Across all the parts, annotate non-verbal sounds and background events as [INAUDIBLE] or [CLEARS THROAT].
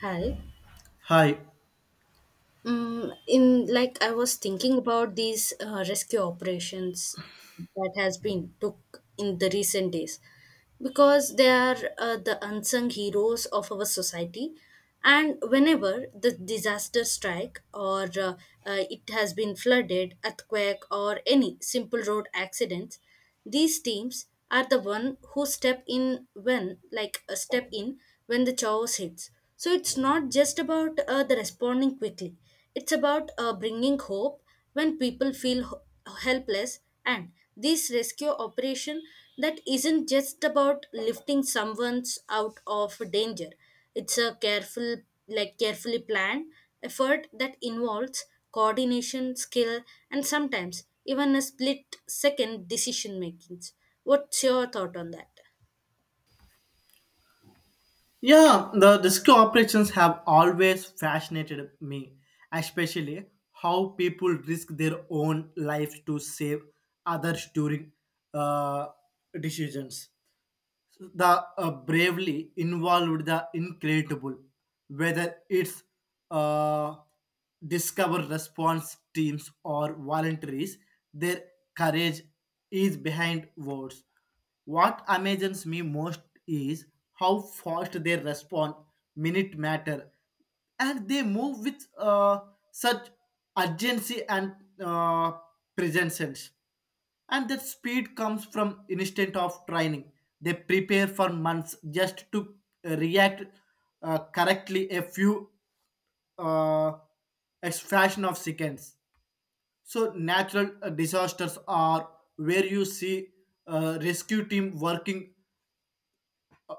Hi. Hi. In like I was thinking about these rescue operations that has been took in the recent days because they are the unsung heroes of our society, and whenever the disaster strike or it has been flooded earthquake or any simple road accidents, these teams are the one who step in when the chaos hits. So it's not just about the responding quickly. It's about bringing hope when people feel helpless. And this rescue operation that isn't just about lifting someone out of danger. It's a careful, like carefully planned effort that involves coordination, skill, and sometimes even a split second decision making. What's your thought on that? Yeah, the disco operations have always fascinated me, especially how people risk their own lives to save others during uh, decisions. The bravely involved the incredible whether it's uh, discover response teams or voluntaries, their courage is behind words. What amazes me most is how fast they respond, minute matter, and they move with such urgency and uh, presence, and that speed comes from instant of training. They prepare for months just to react correctly a few uh, a fraction of seconds. So natural disasters are where you see rescue team working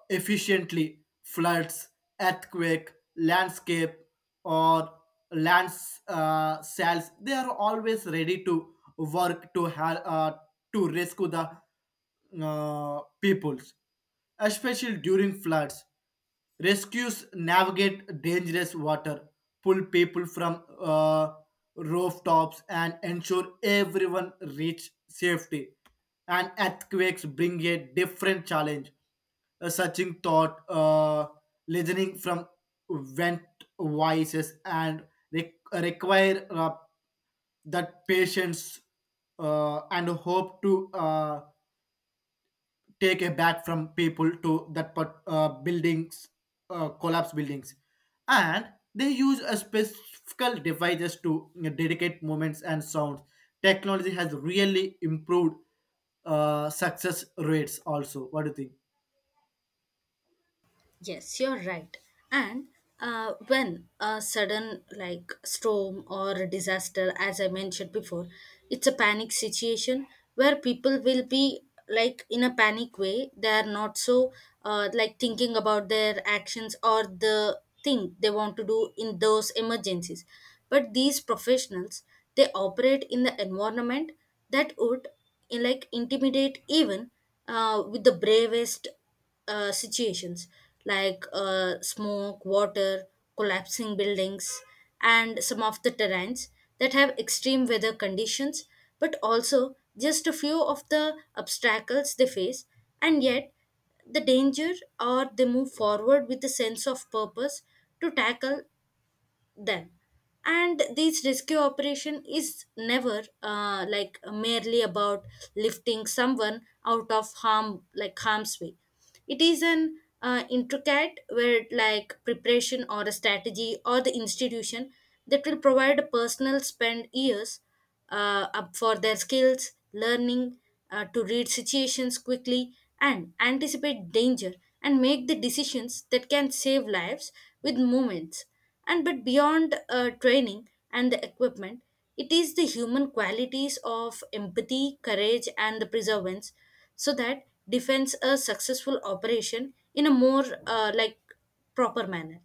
efficiently: floods, earthquake, landscape, or land sales. They are always ready to work to help to rescue the peoples, especially during floods. Rescues navigate dangerous water, pull people from rooftops, and ensure everyone reach safety. And earthquakes bring a different challenge. A searching thought, listening from vent voices, and require that patience and hope to take a back from people to that part, buildings collapse buildings, and they use a specific devices to dedicate moments and sounds. Technology has really improved success rates also. What do you think? Yes, you're right. And when a sudden like storm or disaster, as I mentioned before, it's a panic situation where people will be like in a panic way. They are not so like thinking about their actions or the thing they want to do in those emergencies. But these professionals, they operate in the environment that would like intimidate even with the bravest situations like smoke, water, collapsing buildings, and some of the terrains that have extreme weather conditions, but also just a few of the obstacles they face, and yet the danger or they move forward with a sense of purpose to tackle them. And this rescue operation is never like merely about lifting someone out of harm like harm's way. It is an intricate where like preparation or a strategy or the institution that will provide a personal spend years up for their skills, learning to read situations quickly and anticipate danger and make the decisions that can save lives with moments. And but beyond training and the equipment, it is the human qualities of empathy, courage, and the perseverance so that defends a successful operation in a more like proper manner.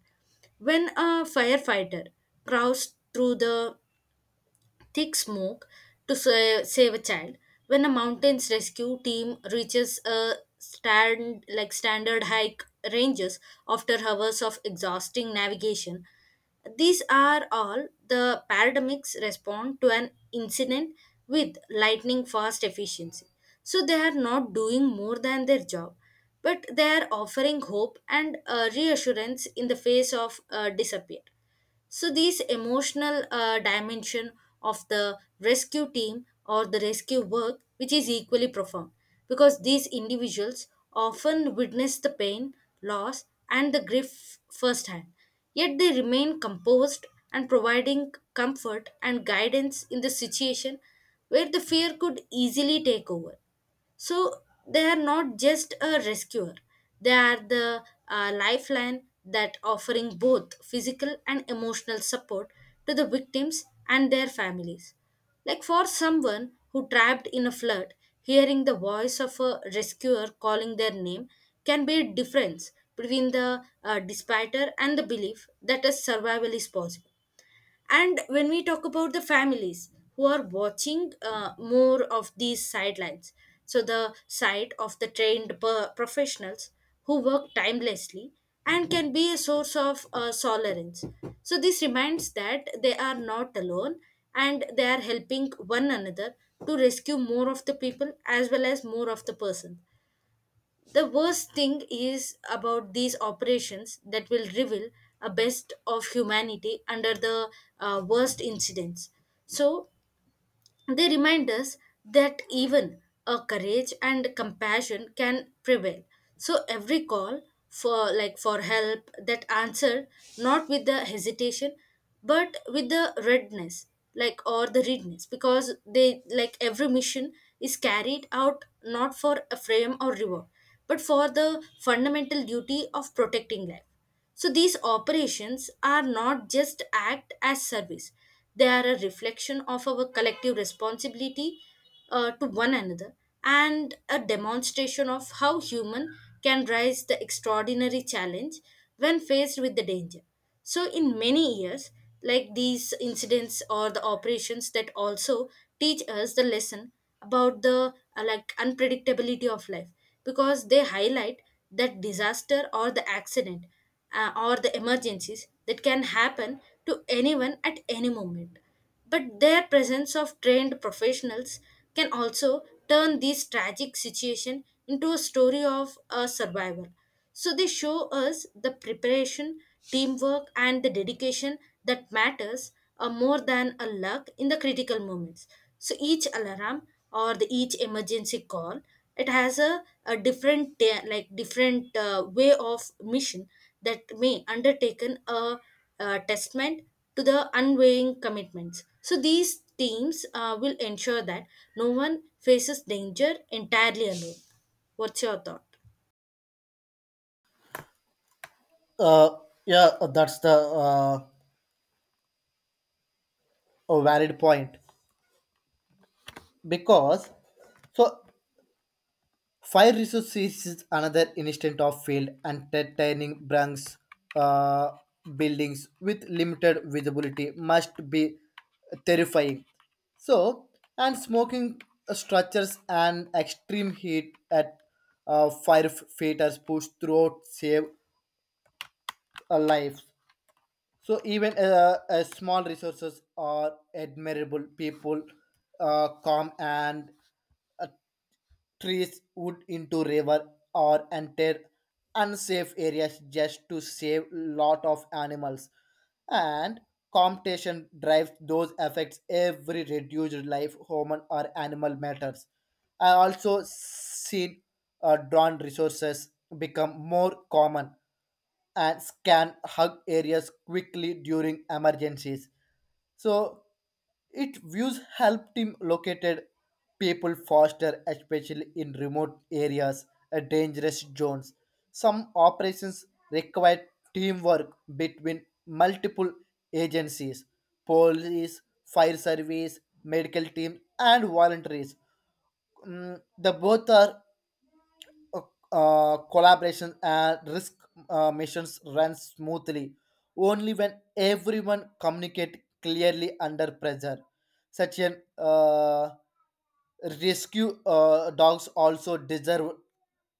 When a firefighter crawls through the thick smoke to save a child. When a mountain's rescue team reaches a stand like standard hike ranges after hours of exhausting navigation, these are all the paradigms respond to an incident with lightning fast efficiency. So they are not doing more than their job, but they are offering hope and reassurance in the face of disappear. So these emotional dimension of the rescue team or the rescue work, which is equally profound, because these individuals often witness the pain, loss, and the grief firsthand. Yet they remain composed and providing comfort and guidance in the situation where the fear could easily take over. So they are not just a rescuer, they are the lifeline that offering both physical and emotional support to the victims and their families. Like for someone who trapped in a flood, hearing the voice of a rescuer calling their name can be a difference between the despair and the belief that a survival is possible. And when we talk about the families who are watching more of these sidelines, so the side of the trained professionals who work timelessly and can be a source of solace. So this reminds that they are not alone and they are helping one another to rescue more of the people as well as more of the person. The worst thing is about these operations that will reveal a best of humanity under the worst incidents. So they remind us that even a courage and compassion can prevail. So every call for like for help that answered not with the hesitation but with the readiness like or the readiness because they like every mission is carried out not for a frame or reward but for the fundamental duty of protecting life. So these operations are not just act as service. They are a reflection of our collective responsibility to one another and a demonstration of how human can rise the extraordinary challenge when faced with the danger. So in many years, like these incidents or the operations that also teach us the lesson about the like unpredictability of life because they highlight that disaster or the accident or the emergencies that can happen to anyone at any moment. But their presence of trained professionals can also turn this tragic situation into a story of a survivor. So they show us the preparation, teamwork, and the dedication that matters more than a luck in the critical moments. So each alarm or the each emergency call, it has a different like different way of mission that may undertaken a, testament to the unwavering commitments. So these teams will ensure that no one faces danger entirely alone. What's your thought? uh, yeah, that's the a valid point because so Fire resource is another instance of failed and titanic branch uh, buildings with limited visibility must be terrifying. So, and smoking structures and extreme heat at firefighters push throughout save a life. So even small resources are admirable. People calm and trees wood into river or enter unsafe areas just to save lot of animals, and competition drives those effects. Every reduced life, human or animal, matters. I also seen drawn resources become more common and scan hug areas quickly during emergencies. So it views help team located people faster, especially in remote areas and dangerous zones. Some operations require teamwork between multiple agencies, police, fire service, medical team, and volunteers. Mm, the both are collaboration and risk missions run smoothly only when everyone communicate clearly under pressure such an Rescue dogs also deserve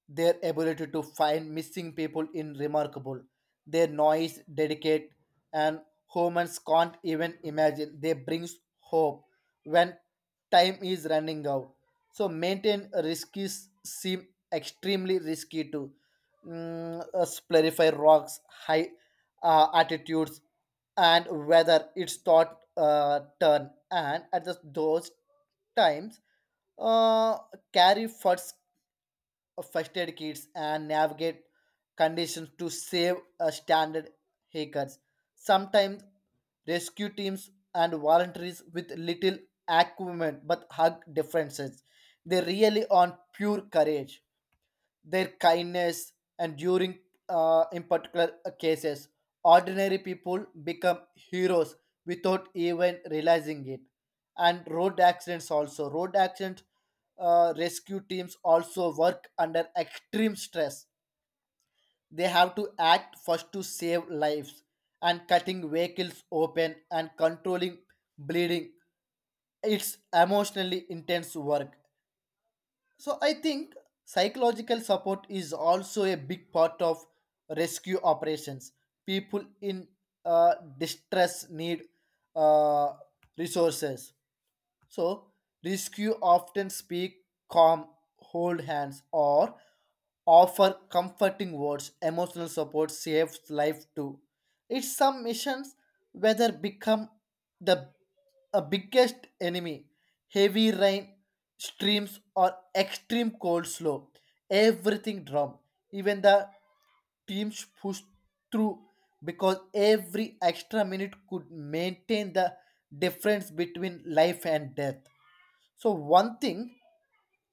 their ability to find missing people in remarkable. Their noise, dedicate, and humans can't even imagine. They brings hope when time is running out. So maintain risks seem extremely risky to splurify rocks, high altitudes, and whether it's thought turn, and at the, those times uh, carry first aid kits and navigate conditions to save standard hackers. Sometimes rescue teams and voluntaries with little equipment, but hug differences, they really on pure courage, their kindness and during in particular cases, ordinary people become heroes without even realizing it. And road accident rescue teams also work under extreme stress. They have to act first to save lives, and cutting vehicles open and controlling bleeding, it's emotionally intense work. So I think psychological support is also a big part of rescue operations. People in distress need uh, resources, so rescue often speak calm, hold hands, or offer comforting words. Emotional support saves life too. It's some missions whether become the a biggest enemy. Heavy rain, streams, or extreme cold slow. Everything drum. Even the teams pushed through because every extra minute could maintain the difference between life and death. So, one thing,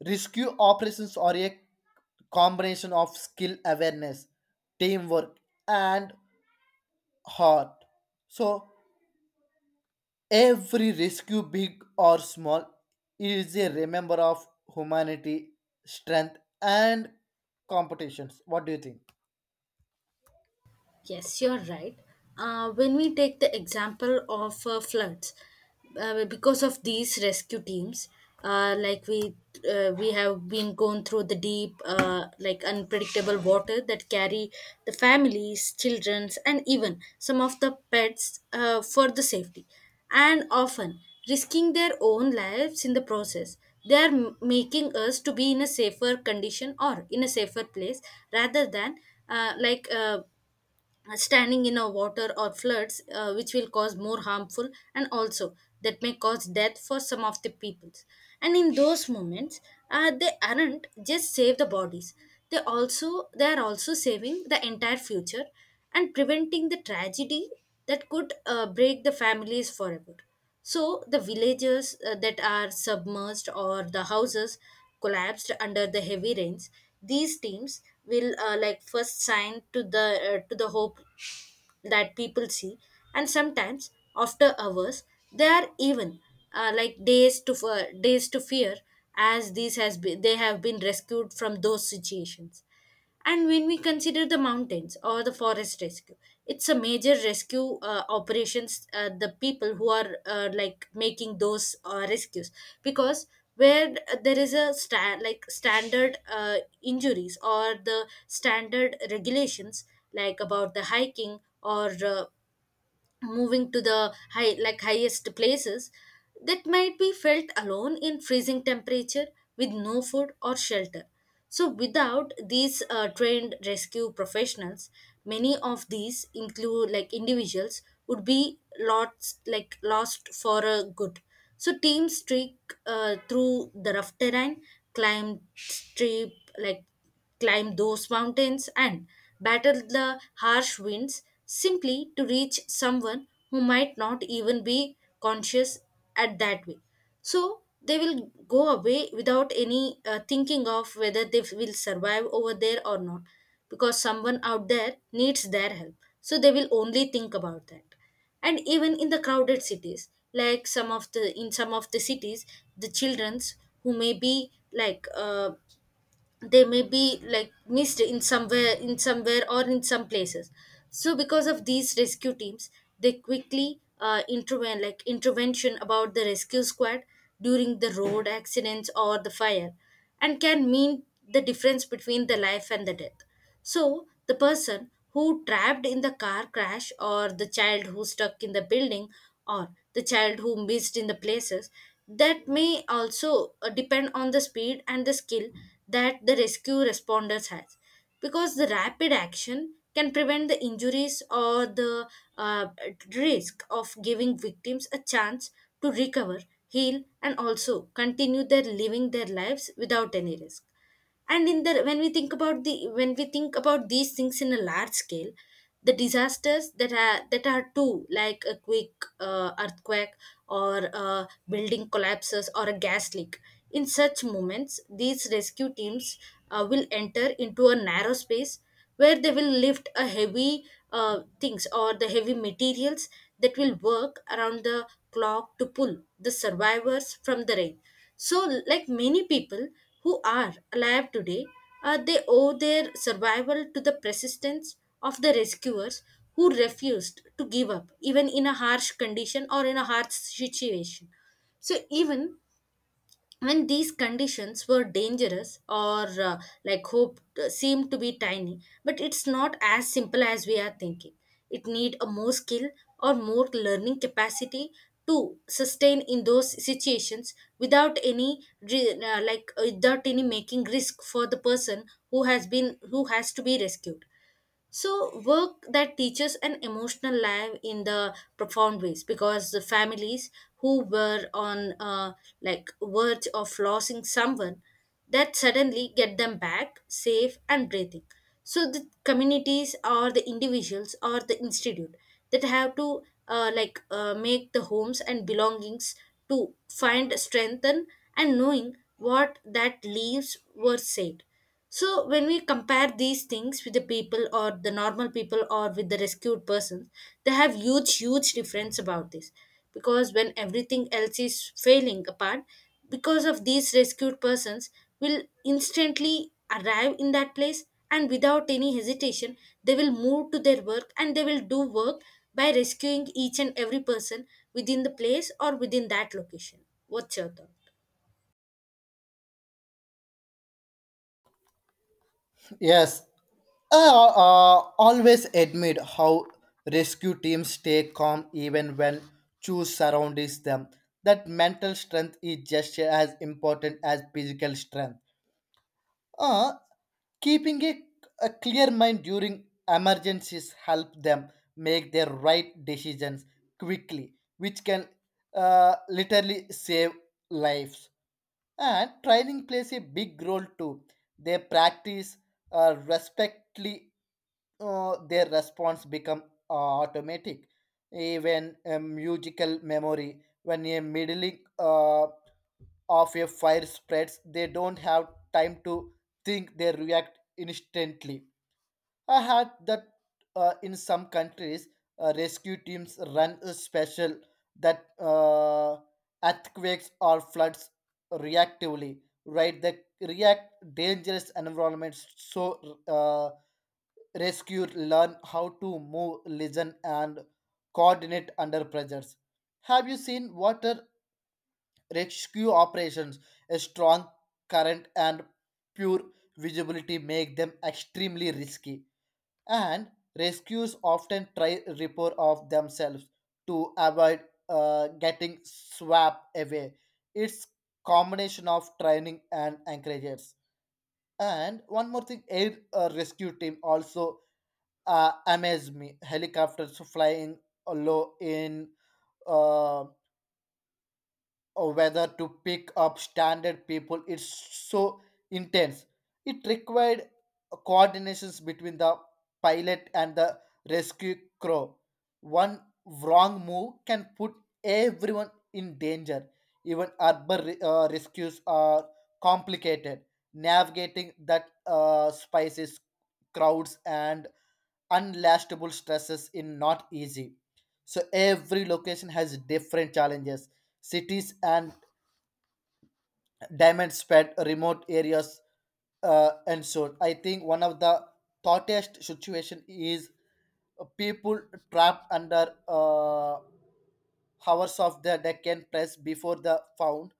rescue operations are a combination of skill awareness, teamwork, and heart. So, every rescue, big or small, is a remember of humanity, strength, and competitions. What do you think? Yes, you're right. When we take the example of floods, because of these rescue teams, like we have been going through the deep, like unpredictable water that carry the families, childrens, and even some of the pets for the safety, and often risking their own lives in the process. They are making us to be in a safer condition or in a safer place rather than like. Standing in a water or floods which will cause more harmful and also that may cause death for some of the peoples. And in those moments they aren't just save the bodies, they are also saving the entire future and preventing the tragedy that could break the families forever. So the villages that are submerged or the houses collapsed under the heavy rains, these teams will like first sign to the hope that people see. And sometimes after hours they are even like days to days to fear as these has been they have been rescued from those situations. And when we consider the mountains or the forest rescue, it's a major rescue operations, the people who are like making those rescues because where there is a stand like standard injuries or the standard regulations like about the hiking or moving to the high like highest places that might be felt alone in freezing temperature with no food or shelter. So without these trained rescue professionals, many of these include like individuals would be lost like lost for a good. So teams streak through the rough terrain, climb steep like climb those mountains and battle the harsh winds simply to reach someone who might not even be conscious at that way. So they will go away without any thinking of whether they will survive over there or not because someone out there needs their help. So they will only think about that. And even in the crowded cities like some of the in some of the cities, the childrens who may be like they may be like missed in somewhere or in some places. So because of these rescue teams, they quickly intervene like intervention about the rescue squad during the road accidents or the fire and can mean the difference between the life and the death. So, the person who trapped in the car crash, or the child who stuck in the building, or the child who missed in the places, that may also depend on the speed and the skill that the rescue responders has because the rapid action can prevent the injuries or the uh, risk of giving victims a chance to recover, heal, and also continue their lives without any risk. And in the when we think about these things in a large scale, the disasters that are too like a quick earthquake or building collapses or a gas leak. In such moments these rescue teams will enter into a narrow space where they will lift a heavy things or the heavy materials that will work around the clock to pull the survivors from the rain. So like many people who are alive today they owe their survival to the persistence of the rescuers who refused to give up even in a harsh condition or in a harsh situation. So even when these conditions were dangerous or like hope seemed to be tiny but it's not as simple as we are thinking. It need a more skill or more learning capacity to sustain in those situations without any like without any making risk for the person who has to be rescued. So, work that teaches an emotional life in the profound ways because the families who were on like verge of losing someone that suddenly get them back safe and breathing. So, the communities or the individuals or the institute that have to make the homes and belongings to find strengthen and knowing what that leaves were said. So when we compare these things with the people or the normal people or with the rescued persons, they have huge, huge difference about this. Because when everything else is failing apart, because of these rescued persons will instantly arrive in that place and without any hesitation, they will move to their work and they will do work by rescuing each and every person within the place or within that location. What's your thought? Yes, I always admit how rescue teams stay calm even when choose surrounds them. That mental strength is just as important as physical strength. Uh, Keeping a clear mind during emergencies help them make their right decisions quickly, which can literally save lives. And training plays a big role too. They practice respectfully, their response become uh, automatic. Even a musical memory, when a middle uh, of a fire spreads, they don't have time to think; they react instantly. I had that in some countries, rescue teams run a special that earthquakes or floods reactively, right? They react dangerous environments. So rescue learn how to move, listen, and coordinate under pressures. Have you seen water rescue operations? A strong current and pure visibility make them extremely risky, and rescues often try report of themselves to avoid getting swept away. It's combination of training and anchorages. And one more thing, air rescue team also amazed me. Helicopters flying low in uh, or whether to pick up standard people, it's so intense. It required coordinations between the pilot and the rescue crew. One wrong move can put everyone in danger. Even urban rescues are complicated, navigating that spices crowds and unlastable stresses is not easy. So every location has different challenges, cities and diamond spread remote areas. And so I think one of the thoughtiest situation is people trapped under hours of the deck press before the found.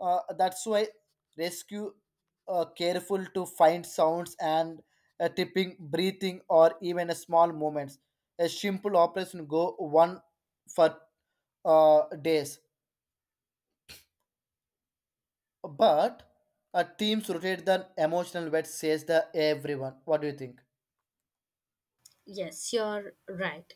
That's why rescue careful to find sounds and tipping breathing or even a small moments. A simple operation go one for days. But a team's rotate the emotional wet says the everyone. What do you think? Yes, you're right.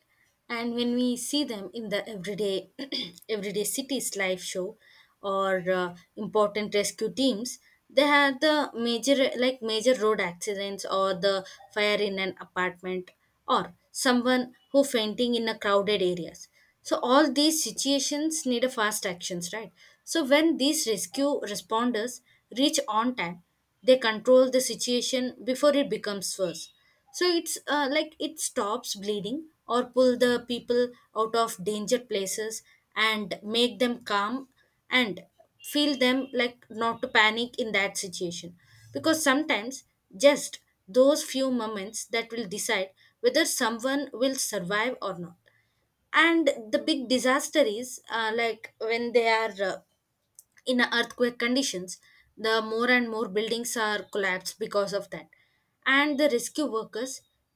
And when we see them in the everyday [CLEARS THROAT] everyday cities live show or important rescue teams, they have the major like major road accidents or the fire in an apartment or someone who fainting in a crowded areas. So all these situations need a fast actions, right? So when these rescue responders reach on time, they control the situation before it becomes worse, so it's like it stops bleeding or pull the people out of danger places and make them calm and feel them like not to panic in that situation, because sometimes just those few moments that will decide whether someone will survive or not. And the big disaster is like when they are in earthquake conditions, the more and more buildings are collapsed because of that, and the rescue workers,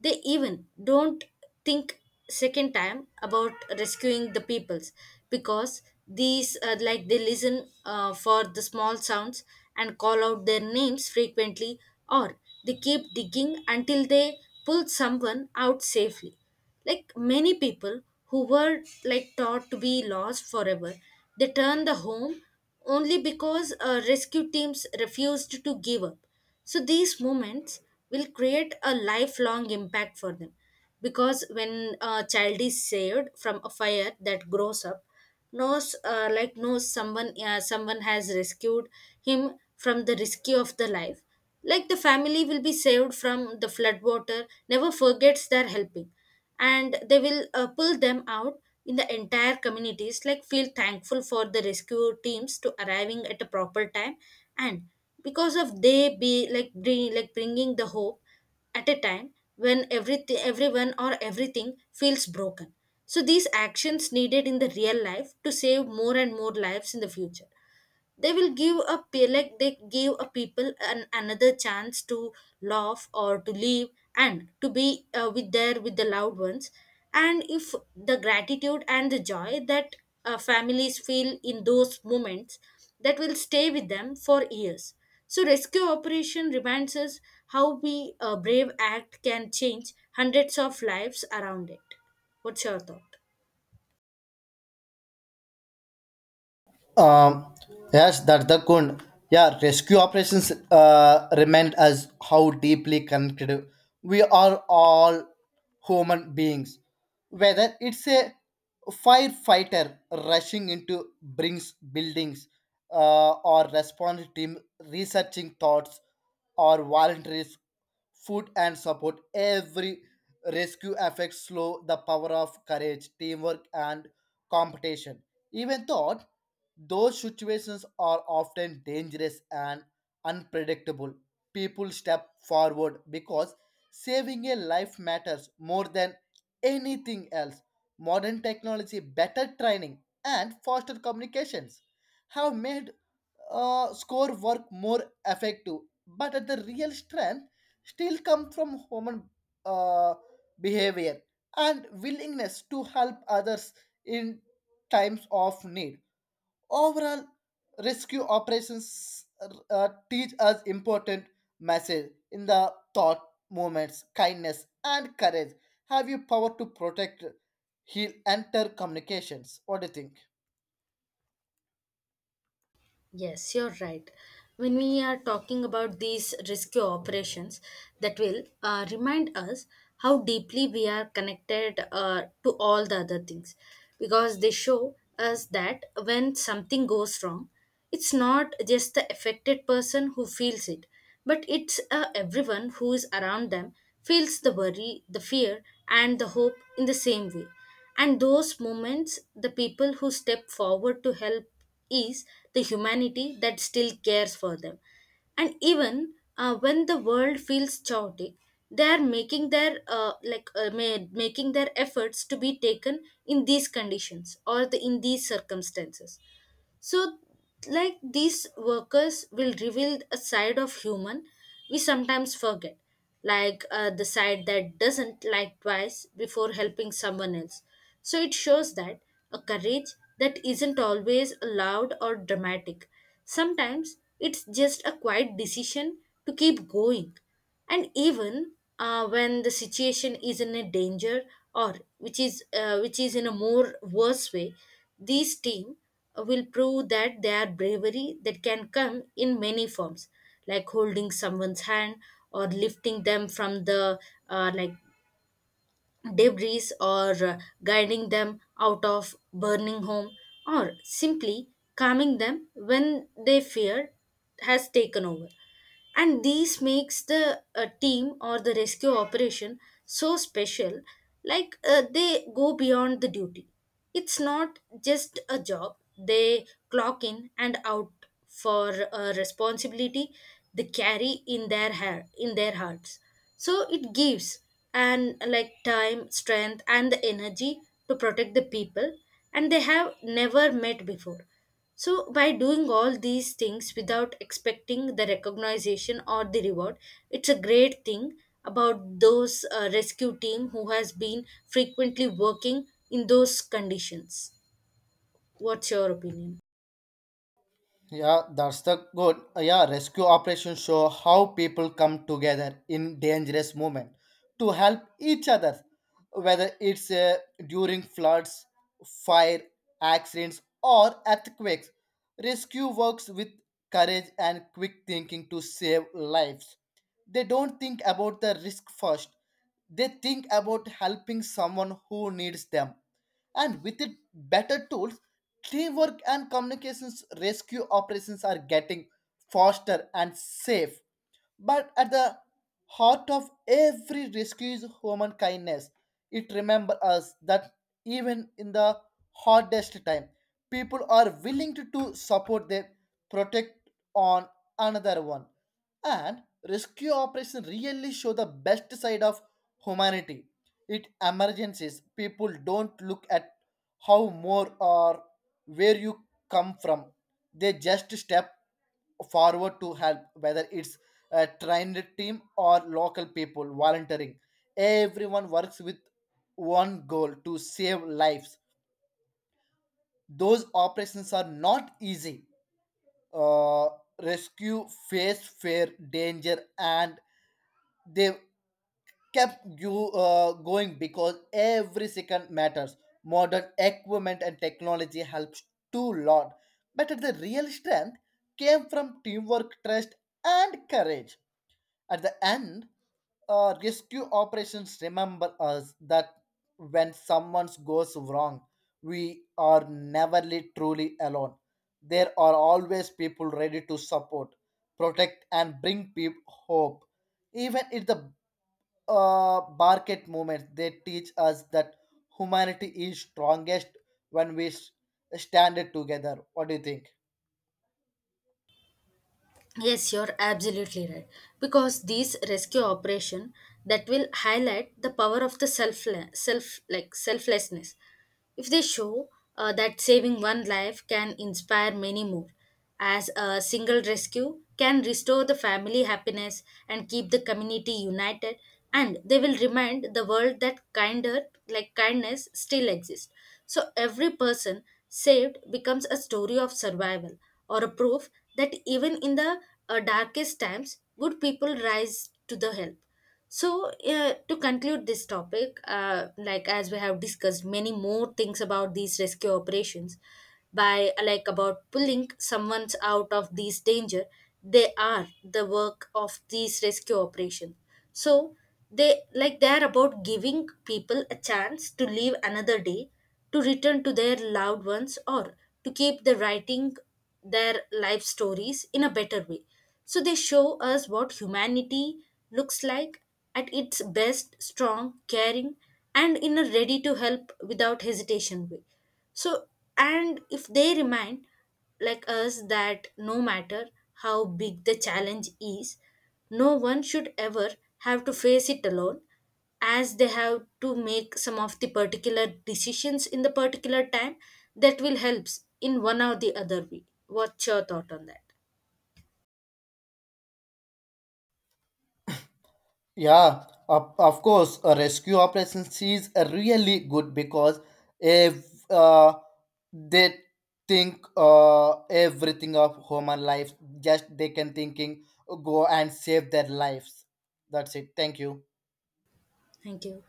they even don't think second time about rescuing the peoples, because these like they listen for the small sounds and call out their names frequently, or they keep digging until they pull someone out safely. Like many people who were like taught to be lost forever, they turned the home only because rescue teams refused to give up. So these moments will create a lifelong impact for them, because when a child is saved from a fire that grows up knows knows someone someone has rescued him from the rescue of the life, like the family will be saved from the flood water never forgets their helping, and they will pull them out in the entire communities like feel thankful for the rescue teams to arriving at a proper time. And because of they be like bring, like bringing the hope at a time when everything everyone or everything feels broken, so these actions needed in the real life to save more and more lives in the future. They will give a they give a people an another chance to laugh or to live and to be with their with the loved ones. And if the gratitude and the joy that families feel in those moments, that will stay with them for years. So rescue operation reminds us how we a brave act can change hundreds of lives around it. What's your thought? Um, yes, that's the good. Yeah, rescue operations remind us how deeply connected we are all human beings. Whether it's a firefighter rushing into brings buildings, or response team researching thoughts, or volunteers food and support, every rescue affects slow the power of courage, teamwork, and competition. Even though those situations are often dangerous and unpredictable, people step forward because saving a life matters more than anything else. Modern technology, better training, and faster communications have made score work more effective, but at the real strength still come from human uh, behavior and willingness to help others in times of need. Overall, rescue operations teach us important message in the thought moments, kindness, and courage. Have you power to protect, heal, enter communications? What do you think? Yes, you're right. When we are talking about these rescue operations, that will remind us how deeply we are connected to all the other things, because they show us that when something goes wrong, it's not just the affected person who feels it, but it's everyone who is around them feels the worry, the fear, and the hope in the same way. And those moments, the people who step forward to help is the humanity that still cares for them. And even when the world feels chaotic, they are making their making their efforts to be taken in these conditions or the, in these circumstances. So, like these workers will reveal a side of human we sometimes forget, like the side that doesn't like twice before helping someone else. So it shows that a courage that isn't always loud or dramatic. Sometimes it's just a quiet decision to keep going. And even when the situation is in a danger or which is in a more worse way, these team will prove that their bravery that can come in many forms, like holding someone's hand or lifting them from the uh, like debris, or guiding them out of burning home, or simply calming them when their fear has taken over. And these makes the team or the rescue operation so special, like they go beyond the duty. It's not just a job they clock in and out for, a responsibility they carry in their hair, in their hearts. So it gives and like time strength and the energy to protect the people and they have never met before. So by doing all these things without expecting the recognition or the reward, it's a great thing about those rescue team who has been frequently working in those conditions. What's your opinion? Yeah, that's the good. Yeah, rescue operations show how people come together in dangerous moment to help each other, whether it's during floods, fire, accidents, or earthquakes. Rescue works with courage and quick thinking to save lives. They don't think about the risk first. They think about helping someone who needs them. And with it better tools, teamwork and communications, rescue operations are getting faster and safe, but at the heart of every rescue is human kindness. It remembers us that even in the hardest time, people are willing to support their protect on another one. And rescue operation really show the best side of humanity. It emergencies, people don't look at how more or where you come from, they just step forward to help. Whether it's a trained team or local people volunteering, everyone works with one goal to save lives. Those operations are not easy. uh, Rescue face fair danger, and they kept you going because every second matters. Modern equipment and technology helps too lot, but the real strength came from teamwork, trust, and courage. At the end, rescue operations remember us that when someone goes wrong, we are never truly alone. There are always people ready to support, protect, and bring people hope. Even if the market movements, they teach us that humanity is strongest when stand it together. What do you think? Yes, you're absolutely right. Because these rescue operation that will highlight the power of the selflessness. If they show that saving one life can inspire many more, as a single rescue can restore the family happiness and keep the community united, and they will remind the world that kinder like kindness still exists. So every person saved becomes a story of survival or a proof that even in the darkest times, good people rise to the help. So, to conclude this topic, like as we have discussed many more things about these rescue operations, by about pulling someone out of these danger, they are the work of these rescue operations. So they like they are about giving people a chance to live another day, to return to their loved ones, or to keep the writing their life stories in a better way. So they show us what humanity looks like at its best strong, caring, and in a ready to help without hesitation way. So, and if they remind like us that no matter how big the challenge is, no one should ever have to face it alone, as they have to make some of the particular decisions in the particular time that will helps in one or the other way. What's your thought on that? Yeah, of course a rescue operation is a really good because if uh, they think everything of human life, just they can thinking go and save their lives. That's it. Thank you. Thank you.